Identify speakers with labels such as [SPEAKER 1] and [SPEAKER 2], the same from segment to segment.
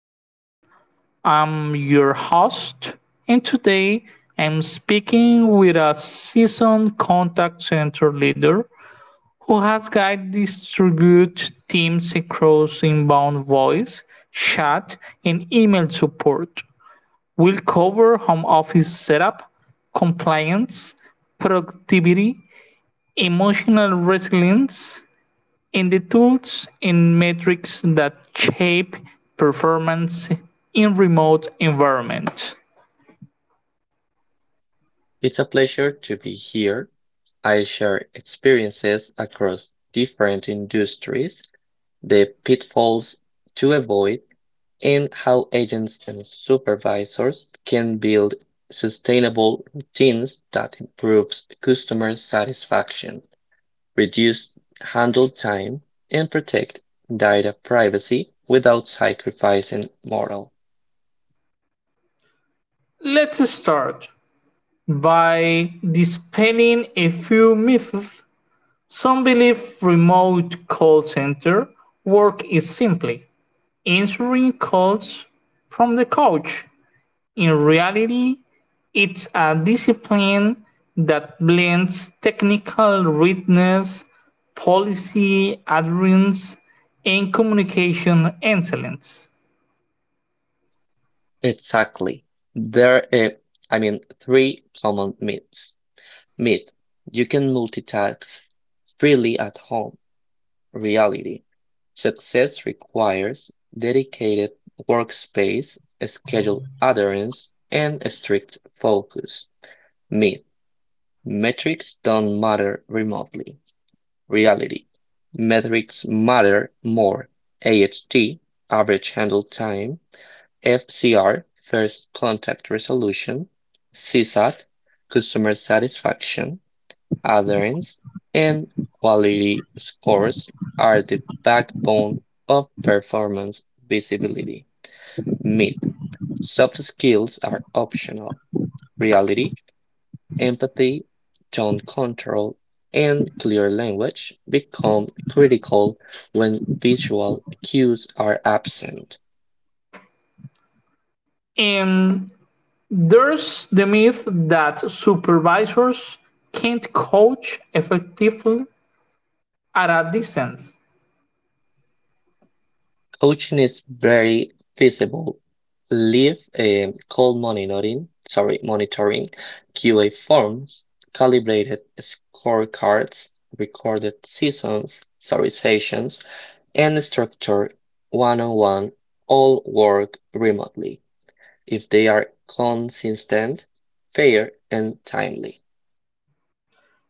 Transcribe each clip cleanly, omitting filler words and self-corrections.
[SPEAKER 1] Us. I'm your host, and today I'm speaking with a seasoned contact center leader who has guided distribute teams across inbound voice, chat, and email support. We'll cover home office setup, compliance, productivity, emotional resilience, in the tools and metrics that shape performance in remote environments.
[SPEAKER 2] It's a pleasure to be here. I share experiences across different industries, the pitfalls to avoid, and how agents and supervisors can build sustainable routines that improves customer satisfaction, reduce handle time, and protect data privacy without sacrificing moral.
[SPEAKER 1] Let's start by dispelling a few myths. Some believe remote call center work is simply answering calls from the couch. In reality, it's a discipline that blends technical rigorous, policy adherence, and communication excellence.
[SPEAKER 2] Exactly. There are, three common myths. Myth. You can multitask freely at home. Reality. Success requires dedicated workspace, scheduled adherence, and strict focus. Myth. Metrics don't matter remotely. Reality. Metrics matter more. AHT, average handle time, FCR, first contact resolution, CSAT, customer satisfaction, adherence, and quality scores are the backbone of performance visibility. Myth. Soft skills are optional. Reality, empathy, tone control, and clear language become critical when visual cues are absent.
[SPEAKER 1] And there's the myth that supervisors can't coach effectively at a distance.
[SPEAKER 2] Coaching is very feasible. Leave a cold monitoring, QA forms, calibrated scorecards, recorded sessions, and structured one-on-one all work remotely if they are consistent, fair, and timely.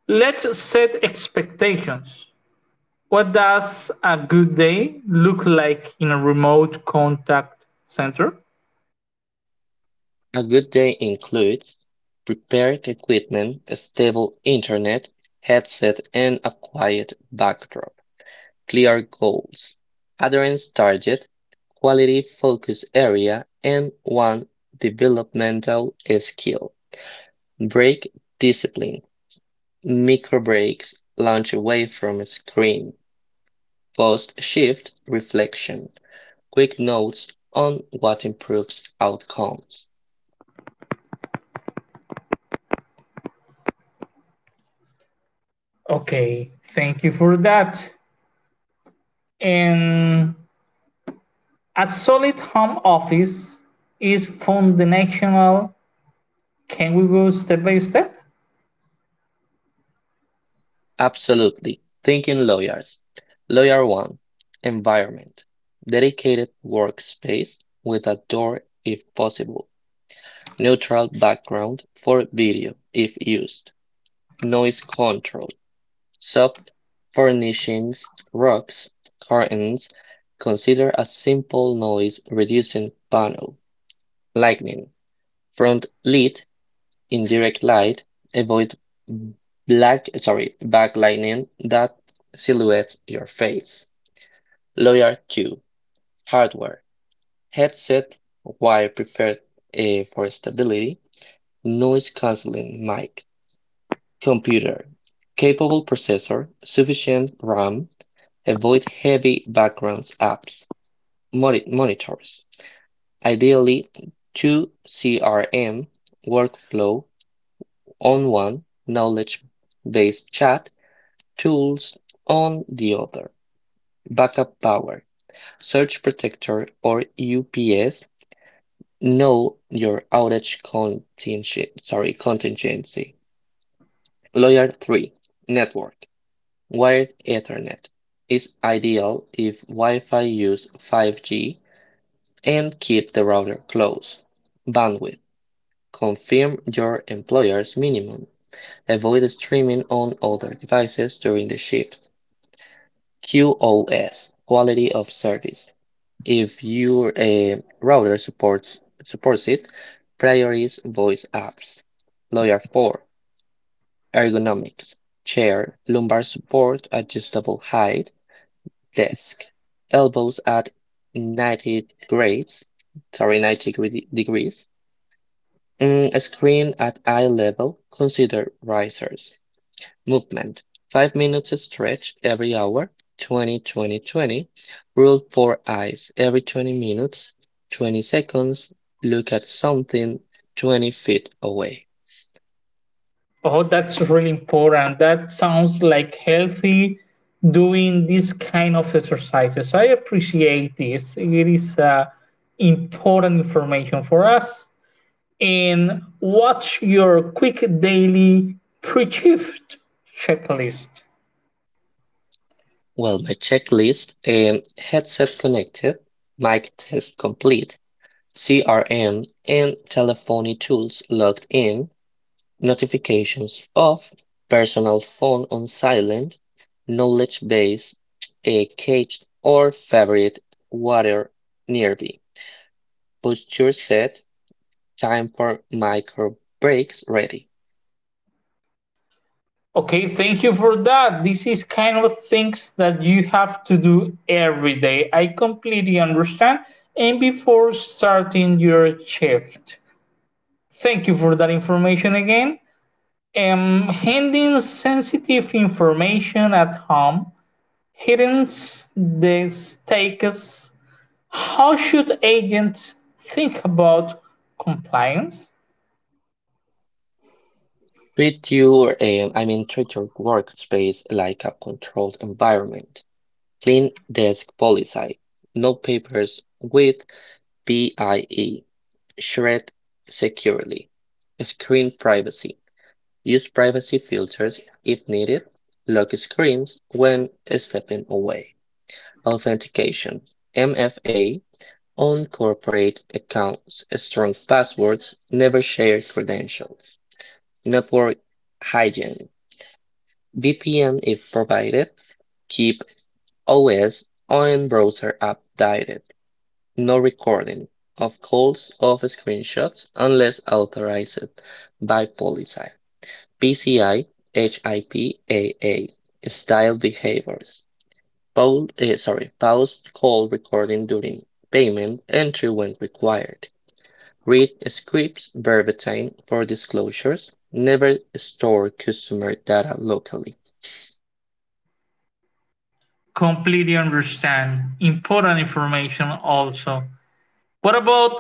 [SPEAKER 1] Let's set expectations. What does a good day look like in a remote contact center?
[SPEAKER 2] A good day includes prepared equipment, a stable internet, headset, and a quiet backdrop. Clear goals, adherence target, quality focus area, and one developmental skill. Break discipline, micro breaks, lunch away from a screen, post shift reflection, quick notes on what improves outcomes.
[SPEAKER 1] Okay, thank you for that. And a solid home office is foundational. Can we go step by step?
[SPEAKER 2] Absolutely. Thinking lawyers. Lawyer 1. Environment. Dedicated workspace with a door if possible. Neutral background for video if used, noise control, soft furnishings, rugs, curtains, consider a simple noise reducing panel, lighting, front lit, indirect light, avoid black sorry backlighting that silhouettes your face. Lawyer 2. Hardware. Headset wire preferred for stability. Noise canceling mic. Computer. Capable processor, sufficient RAM, avoid heavy background apps, monitors. Ideally, two CRM workflow on one, knowledge based chat tools on the other. Backup power, surge protector or UPS. Know your outage contingency. Lawyer three, network. Wired Ethernet is ideal if Wi-Fi use 5G and keep the router close. Bandwidth. Confirm your employer's minimum. Avoid streaming on other devices during the shift. QoS. Quality of service. If your router supports it, prioritize voice apps. Layer 4. Ergonomics. Chair, lumbar support, adjustable height, desk, elbows at 90 90 degrees, a screen at eye level, consider risers. Movement, 5 minutes stretch every hour, 20, 20, 20. Rule for eyes, every 20 minutes, 20 seconds, look at something 20 feet away.
[SPEAKER 1] Oh, that's really important. That sounds like healthy doing this kind of exercises. I appreciate this. It is important information for us. And watch your quick daily pre shift checklist.
[SPEAKER 2] Well, my checklist headset connected, mic test complete, CRM, and telephony tools logged in, notifications off, personal phone on silent, knowledge base, a caged or favorite, water nearby, posture set, time for micro breaks ready.
[SPEAKER 1] Okay, thank you for that. This is kind of things that you have to do every day. I completely understand. And before starting your shift, thank you for that information again. Handling sensitive information at home hidden the stakes. How should agents think about compliance?
[SPEAKER 2] Treat your workspace like a controlled environment. Clean desk policy. No papers with PIE. Shred securely. Screen privacy. Use privacy filters if needed. Lock screens when stepping away. Authentication. MFA on corporate accounts. Strong passwords. Never share credentials. Network hygiene. VPN if provided. Keep OS on browser updated. No recording of calls of screenshots unless authorized by policy. PCI HIPAA style behaviors. Pause call recording during payment entry when required. Read scripts verbatim for disclosures. Never store customer data locally.
[SPEAKER 1] Completely understand. Important information also. What about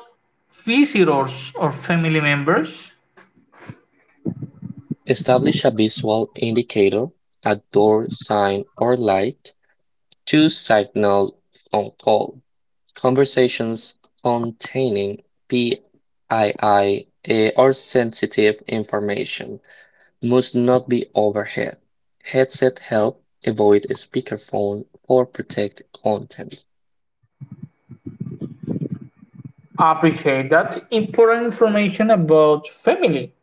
[SPEAKER 1] visitors or family members?
[SPEAKER 2] Establish a visual indicator, a door, sign, or light to signal on call. Conversations containing PII or sensitive information must not be overhead. Headset help avoid a speakerphone or protect content.
[SPEAKER 1] Appreciate that important information about family.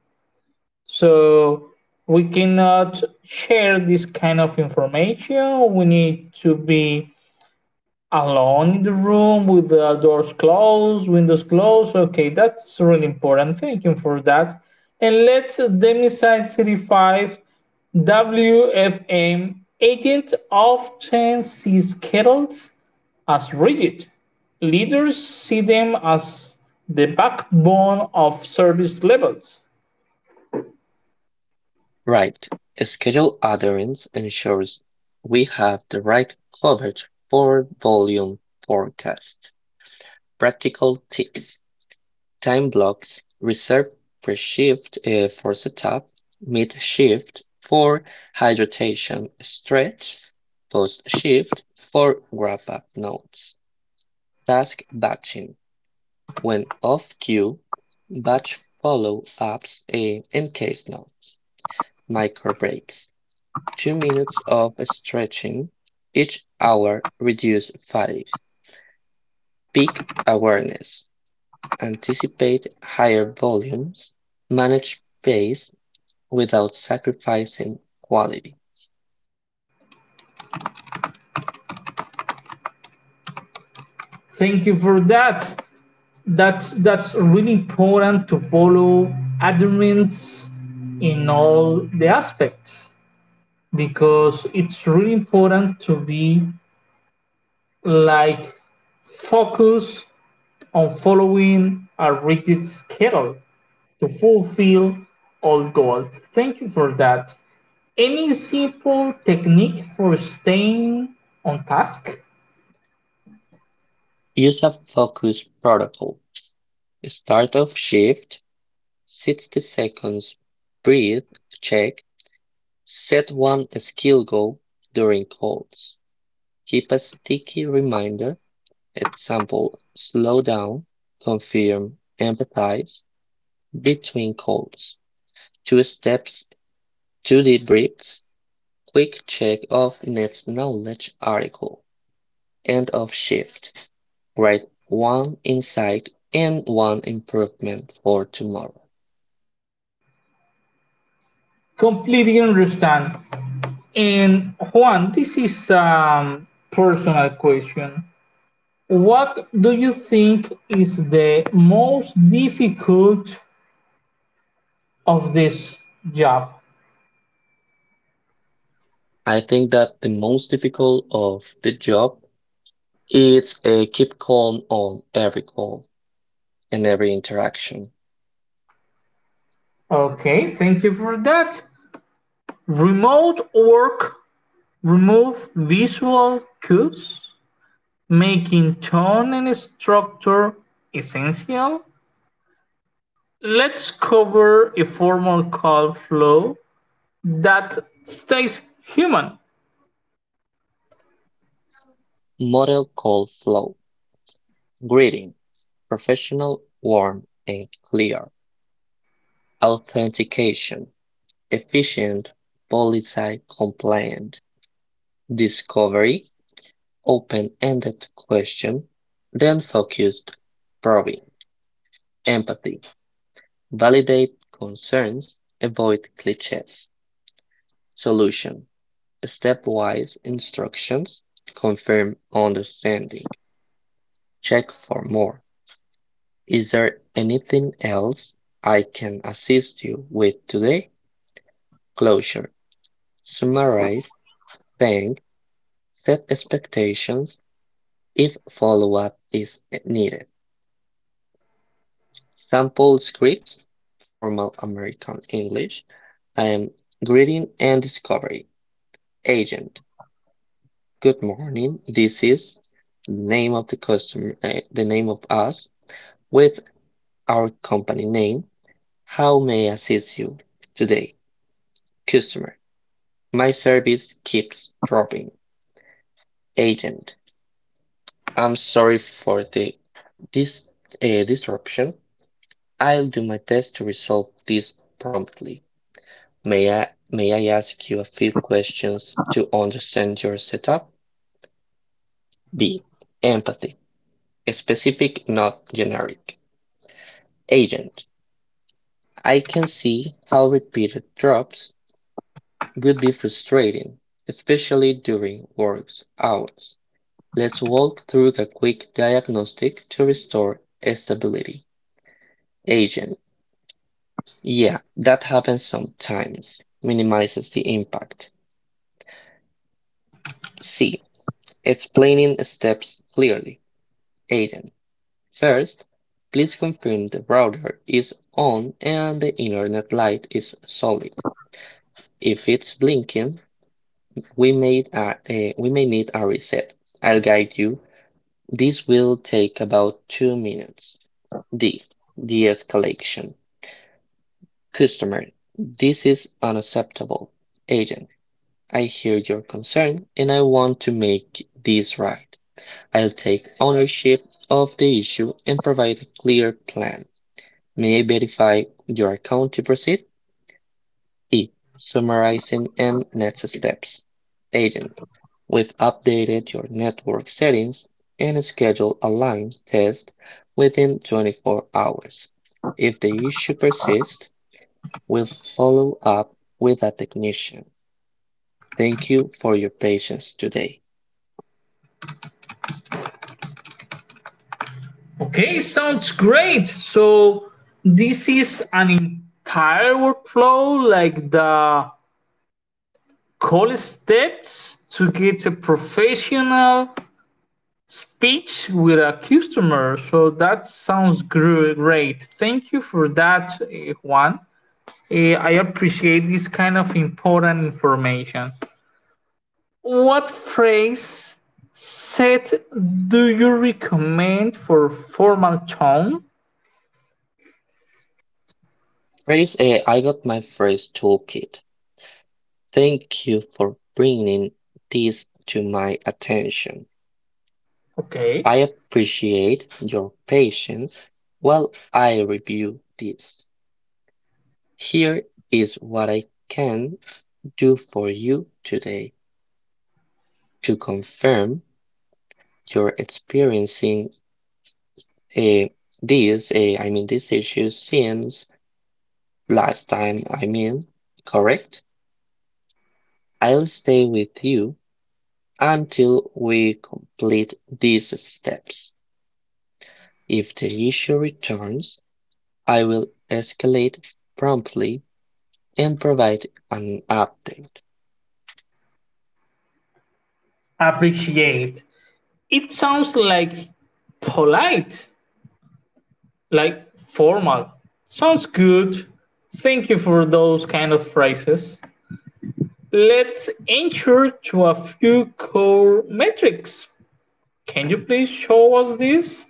[SPEAKER 1] So we cannot share this kind of information. We need to be alone in the room with the doors closed, windows closed. Okay, that's really important. Thank you for that. And let's demystify 35 WFM agent often sees kettles as rigid. Leaders see them as the backbone of service levels.
[SPEAKER 2] Right. Schedule utterance ensures we have the right coverage for volume forecast. Practical tips. Time blocks reserved pre-shift for setup, mid-shift for hydration stretch, post-shift for wrap-up notes. Task batching when off queue, batch follow-ups and case notes. Micro breaks, 2 minutes of stretching each hour reduce fatigue. Peak awareness, anticipate higher volumes, manage pace without sacrificing quality.
[SPEAKER 1] Thank you for that. That's really important to follow adherence in all the aspects because it's really important to be like focus on following a rigid schedule to fulfill all goals. Thank you for that. Any simple technique for staying on task?
[SPEAKER 2] Use a focus protocol. Start off shift, 60 seconds, breathe, check, set one skill goal during calls. Keep a sticky reminder, example, slow down, confirm, empathize between calls. Two steps, two debriefs, quick check of next knowledge article. End of shift. Write one insight and one improvement for tomorrow.
[SPEAKER 1] Completely understand. And Juan, this is a personal question. What do you think is the most difficult of this job?
[SPEAKER 2] I think that the most difficult of the job is a keep calm on every call and every interaction.
[SPEAKER 1] Okay, thank you for that. Remote work, remove visual cues, making tone and structure essential. Let's cover a formal call flow that stays human.
[SPEAKER 2] Model call flow. Greeting. Professional, warm, and clear. Authentication. Efficient, policy compliant. Discovery. Open ended question. Then focused probing. Empathy. Validate concerns. Avoid cliches. Solution. Stepwise instructions. Confirm understanding. Check for more. Is there anything else I can assist you with today? Closure. Summarize. Thank. Set expectations if follow-up is needed. Sample scripts. Formal American English. I am greeting and discovery. Agent. Good morning. This is name of the customer, the name of us with our company name. How may I assist you today? Customer, my service keeps dropping. Agent, I'm sorry for the this disruption. I'll do my best to resolve this promptly. May I ask you a few questions to understand your setup? B. Empathy. Specific, not generic. Agent. I can see how repeated drops could be frustrating, especially during work hours. Let's walk through the quick diagnostic to restore stability. Agent. Yeah, that happens sometimes. Minimizes the impact. C. Explaining steps clearly. Agent. First, please confirm the router is on and the internet light is solid. If it's blinking, we may need a reset. I'll guide you. This will take about 2 minutes. D. De-escalation. Customer. This is unacceptable. Agent. I hear your concern and I want to make this right. I'll take ownership of the issue and provide a clear plan. May I verify your account to proceed? E. Summarizing and next steps. Agent. We've updated your network settings and scheduled a line test within 24 hours. If the issue persists, we'll follow up with a technician. Thank you for your patience today.
[SPEAKER 1] Okay, sounds great. So, this is an entire workflow like the call steps to get a professional speech with a customer. So, that sounds great. Thank you for that, Juan. I appreciate this kind of important information. What phrase set do you recommend for formal tone?
[SPEAKER 2] Phrase A, I got my phrase toolkit. Thank you for bringing this to my attention.
[SPEAKER 1] Okay.
[SPEAKER 2] I appreciate your patience while I review this. Here is what I can do for you today to confirm you're experiencing uh, these issues since last time, correct? I'll stay with you until we complete these steps. If the issue returns, I will escalate promptly and provide an update.
[SPEAKER 1] Appreciate. It sounds like polite, like formal. Sounds good. Thank you for those kind of phrases. Let's enter to a few core metrics. Can you please show us this?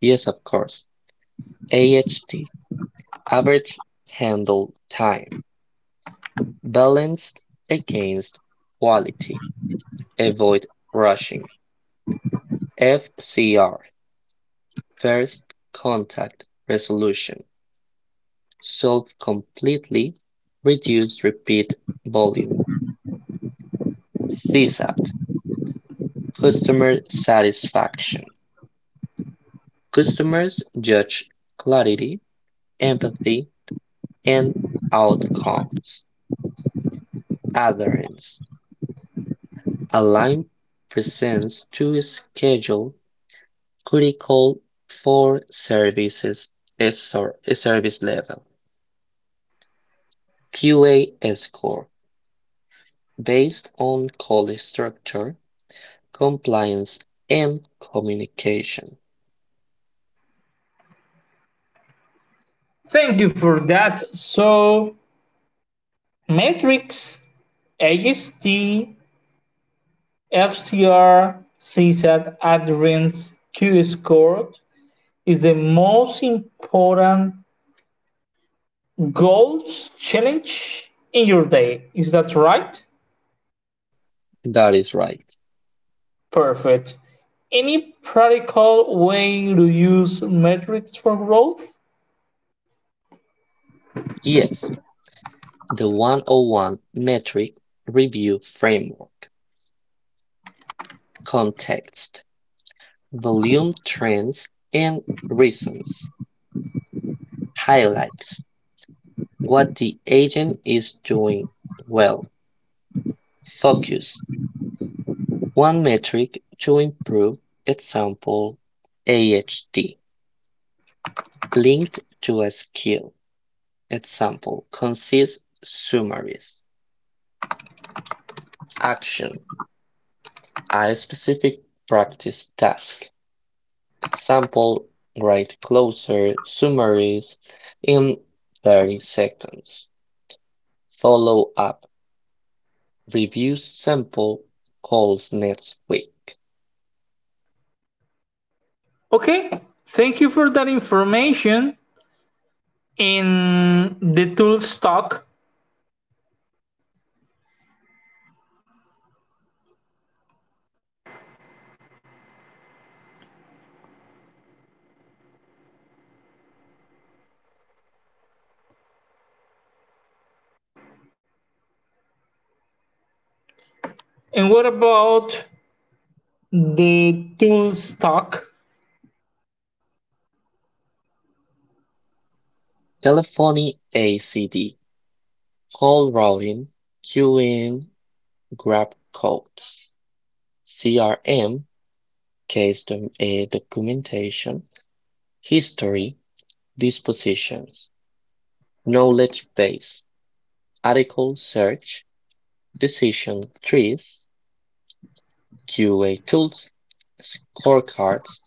[SPEAKER 2] Yes, of course. AHT average handle time balanced against quality. Avoid rushing. FCR first contact resolution. Solve completely. Reduce repeat volume. CSAT customer satisfaction. Customers judge clarity, empathy, and outcomes. Adherence align presents to schedule critical for services SR service level. QA score based on college structure, compliance, and communication.
[SPEAKER 1] Thank you for that. So, metrics, AST, FCR sees that adherence to score is the most important goals challenge in your day. Is that right?
[SPEAKER 2] That is right.
[SPEAKER 1] Perfect. Any practical way to use metrics for growth?
[SPEAKER 2] Yes, the 101 metric review framework, context, volume trends, and reasons highlights what the agent is doing well, focus, one metric to improve, example AHD, linked to a skill, example consists summaries. Action, a specific practice task, example write closer summaries in 30 seconds. Follow up, review sample calls next week.
[SPEAKER 1] Okay, thank you for that information. In the tools talk, and what about the tool stock?
[SPEAKER 2] Telephony ACD, call routing, queuing, grab codes. CRM, case documentation, history, dispositions, knowledge base, article search, decision trees, QA tools, scorecards,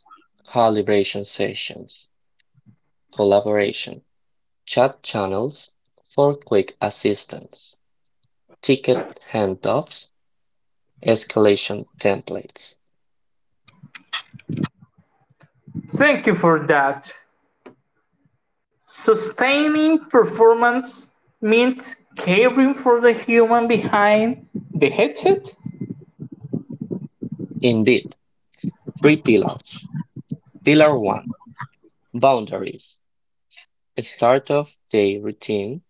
[SPEAKER 2] calibration sessions, collaboration, chat channels for quick assistance, ticket handoffs, escalation templates.
[SPEAKER 1] Thank you for that. Sustaining performance means caring for the human behind the headset.
[SPEAKER 2] Indeed, three pillars. Pillar 1. Boundaries. Start of day routine,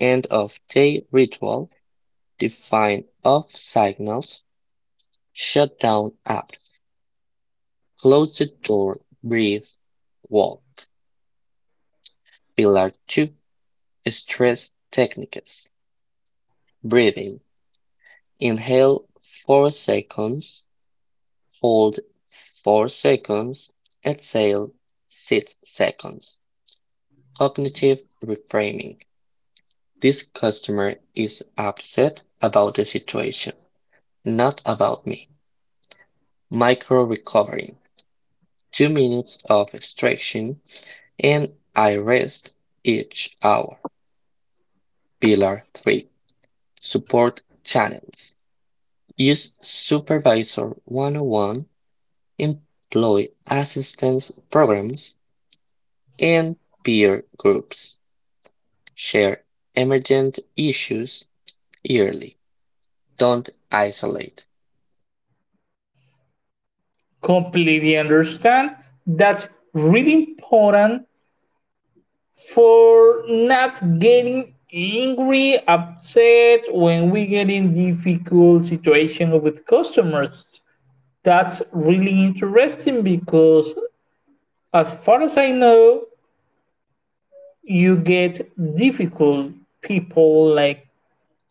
[SPEAKER 2] end of day ritual, define off signals, shut down app, close the door, breathe, walk. Pillar 2. Stress techniques. Breathing. Inhale 4 seconds, hold 4 seconds, exhale 6 seconds. Cognitive reframing. This customer is upset about the situation, not about me. Micro recovery, 2 minutes of stretching, and I rest each hour. Pillar three, support channels. Use Supervisor 101, employee assistance programs, and peer groups. Share emergent issues yearly. Don't isolate.
[SPEAKER 1] Completely understand. That's really important for not getting angry, upset when we get in difficult situation with customers. That's really interesting because as far as I know, you get difficult people like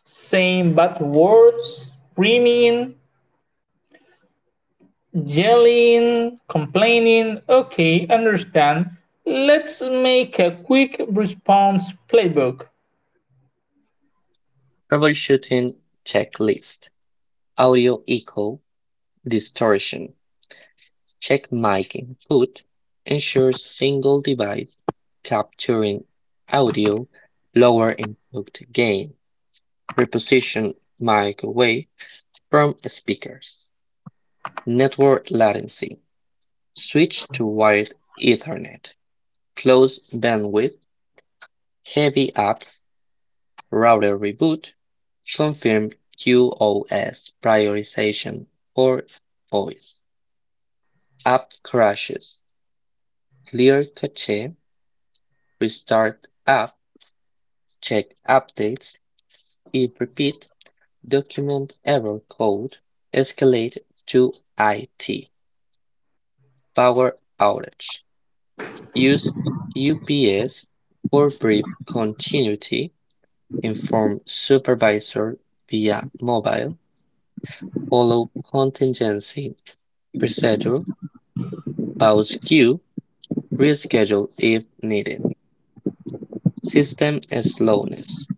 [SPEAKER 1] saying bad words, screaming, yelling, complaining. Okay, understand. Let's make a quick response playbook.
[SPEAKER 2] Troubleshooting checklist. Audio echo distortion. Check mic input. Ensure single device capturing audio. Lower input gain. Reposition mic away from speakers. Network latency. Switch to wired Ethernet. Close bandwidth. Heavy app. Router reboot. Confirm QoS prioritization for voice. App crashes. Clear cache. Restart app check updates. If repeat document error code, escalate to IT. Power outage. Use UPS for brief continuity. Inform supervisor via mobile. Follow contingency procedure. Pause queue. Reschedule if needed. System slowness.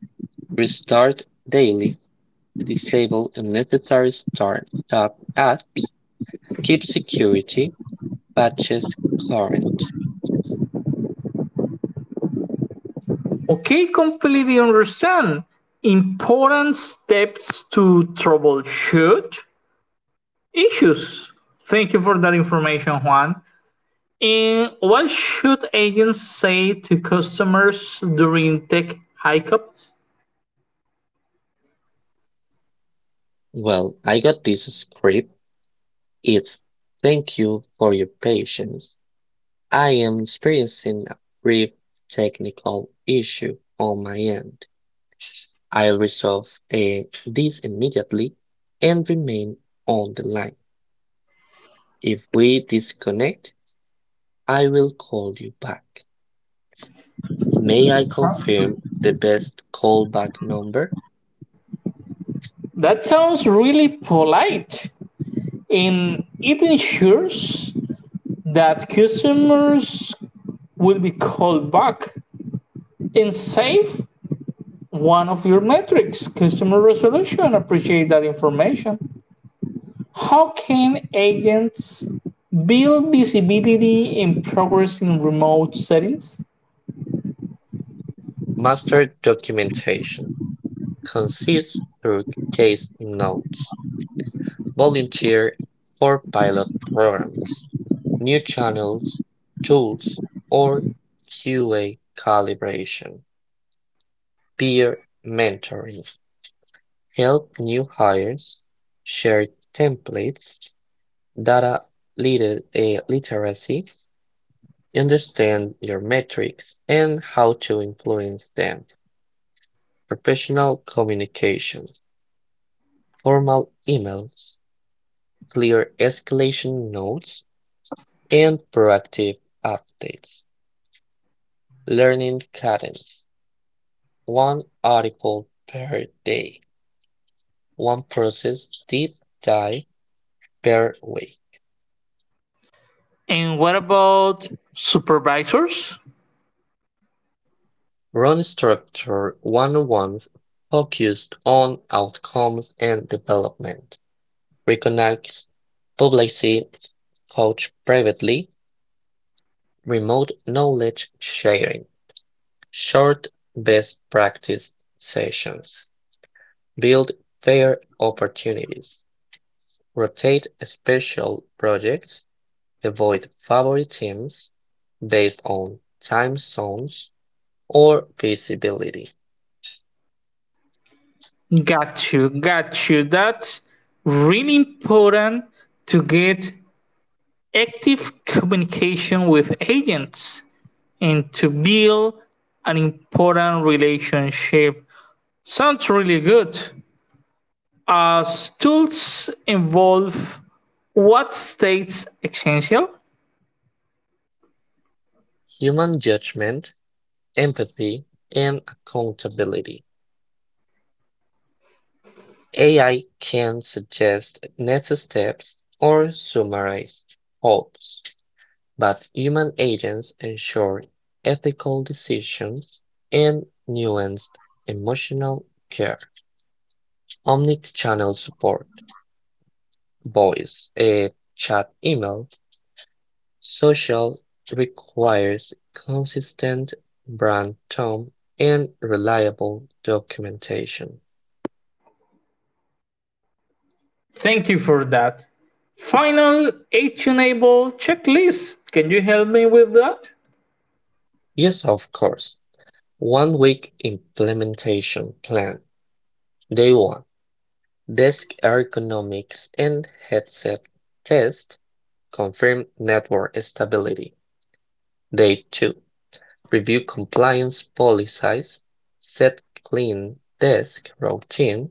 [SPEAKER 2] Restart daily. Disable unnecessary start-up apps. Keep security, patches current.
[SPEAKER 1] Okay, completely understand. Important steps to troubleshoot issues. Thank you for that information, Juan. And what should agents say to customers during tech hiccups?
[SPEAKER 2] Well, I got this script. It's thank you for your patience. I am experiencing a brief technical issue on my end. I'll resolve this immediately and remain on the line. If we disconnect, I will call you back. May I confirm the best callback number?
[SPEAKER 1] That sounds really polite, and it ensures that customers will be called back and save one of your metrics, customer resolution. Appreciate that information. How can agents build visibility and progress in remote settings?
[SPEAKER 2] Master documentation. Consists through case notes, volunteer for pilot programs, new channels, tools, or QA calibration, peer mentoring, help new hires, share templates, data literacy, understand your metrics and how to influence them, professional communication, formal emails, clear escalation notes, and proactive updates. Learning cadence. One article per day. One process deep dive per week.
[SPEAKER 1] And what about supervisors?
[SPEAKER 2] Run structure one-on-ones focused on outcomes and development. Reconnect publicly, coach privately, remote knowledge sharing, short best practice sessions. Build fair opportunities, rotate special projects, avoid favorite teams based on time zones or visibility,
[SPEAKER 1] Got you, got you. That's really important to get active communication with agents and to build an important relationship. Sounds really good. As tools involve what states essential?
[SPEAKER 2] human judgment, empathy, and accountability. AI can suggest next steps or summarize hopes, but human agents ensure ethical decisions and nuanced emotional care. Omnichannel support, voice, a chat email, social requires consistent brand tone and reliable documentation.
[SPEAKER 1] Thank you for that. Final actionable checklist. Can you help me with that?
[SPEAKER 2] Yes, of course. 1 week implementation plan. Day one. Desk ergonomics and headset test confirm network stability. Day two. Review compliance policies, set clean desk routine.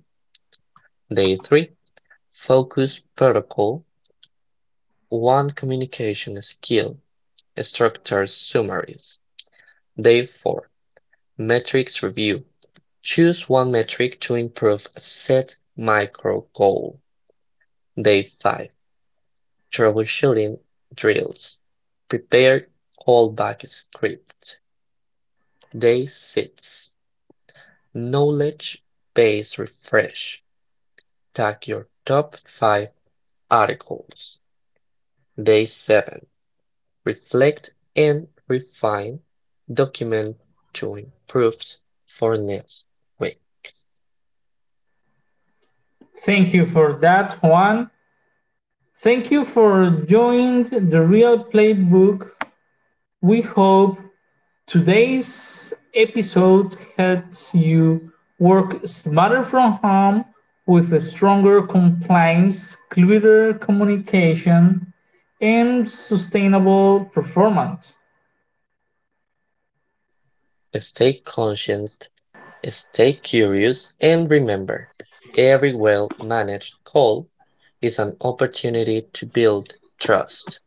[SPEAKER 2] Day 3. Focus Protocol 1. Communication Skill Structured Summaries. Day 4. Metrics Review. Choose one metric to improve a set micro goal. Day 5. Troubleshooting Drills. Prepare Callback Script. Day 6. Knowledge Base Refresh. Tag your top 5 articles. Day 7. Reflect and refine, document to improve for next week.
[SPEAKER 1] Thank you for that, Juan. Thank you for joining the Real Playbook. We hope today's episode helps you work smarter from home with a stronger compliance, clearer communication, and sustainable performance.
[SPEAKER 2] Stay conscious, stay curious, and remember, every well-managed call is an opportunity to build trust.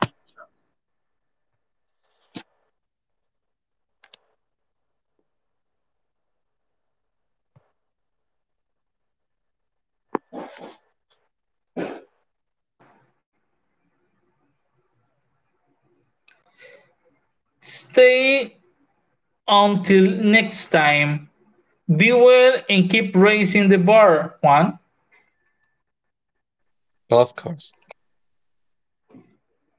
[SPEAKER 1] Stay until next time. Be well and keep raising the bar, Juan.
[SPEAKER 2] Of course.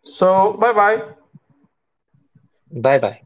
[SPEAKER 1] So, bye bye.
[SPEAKER 2] Bye bye.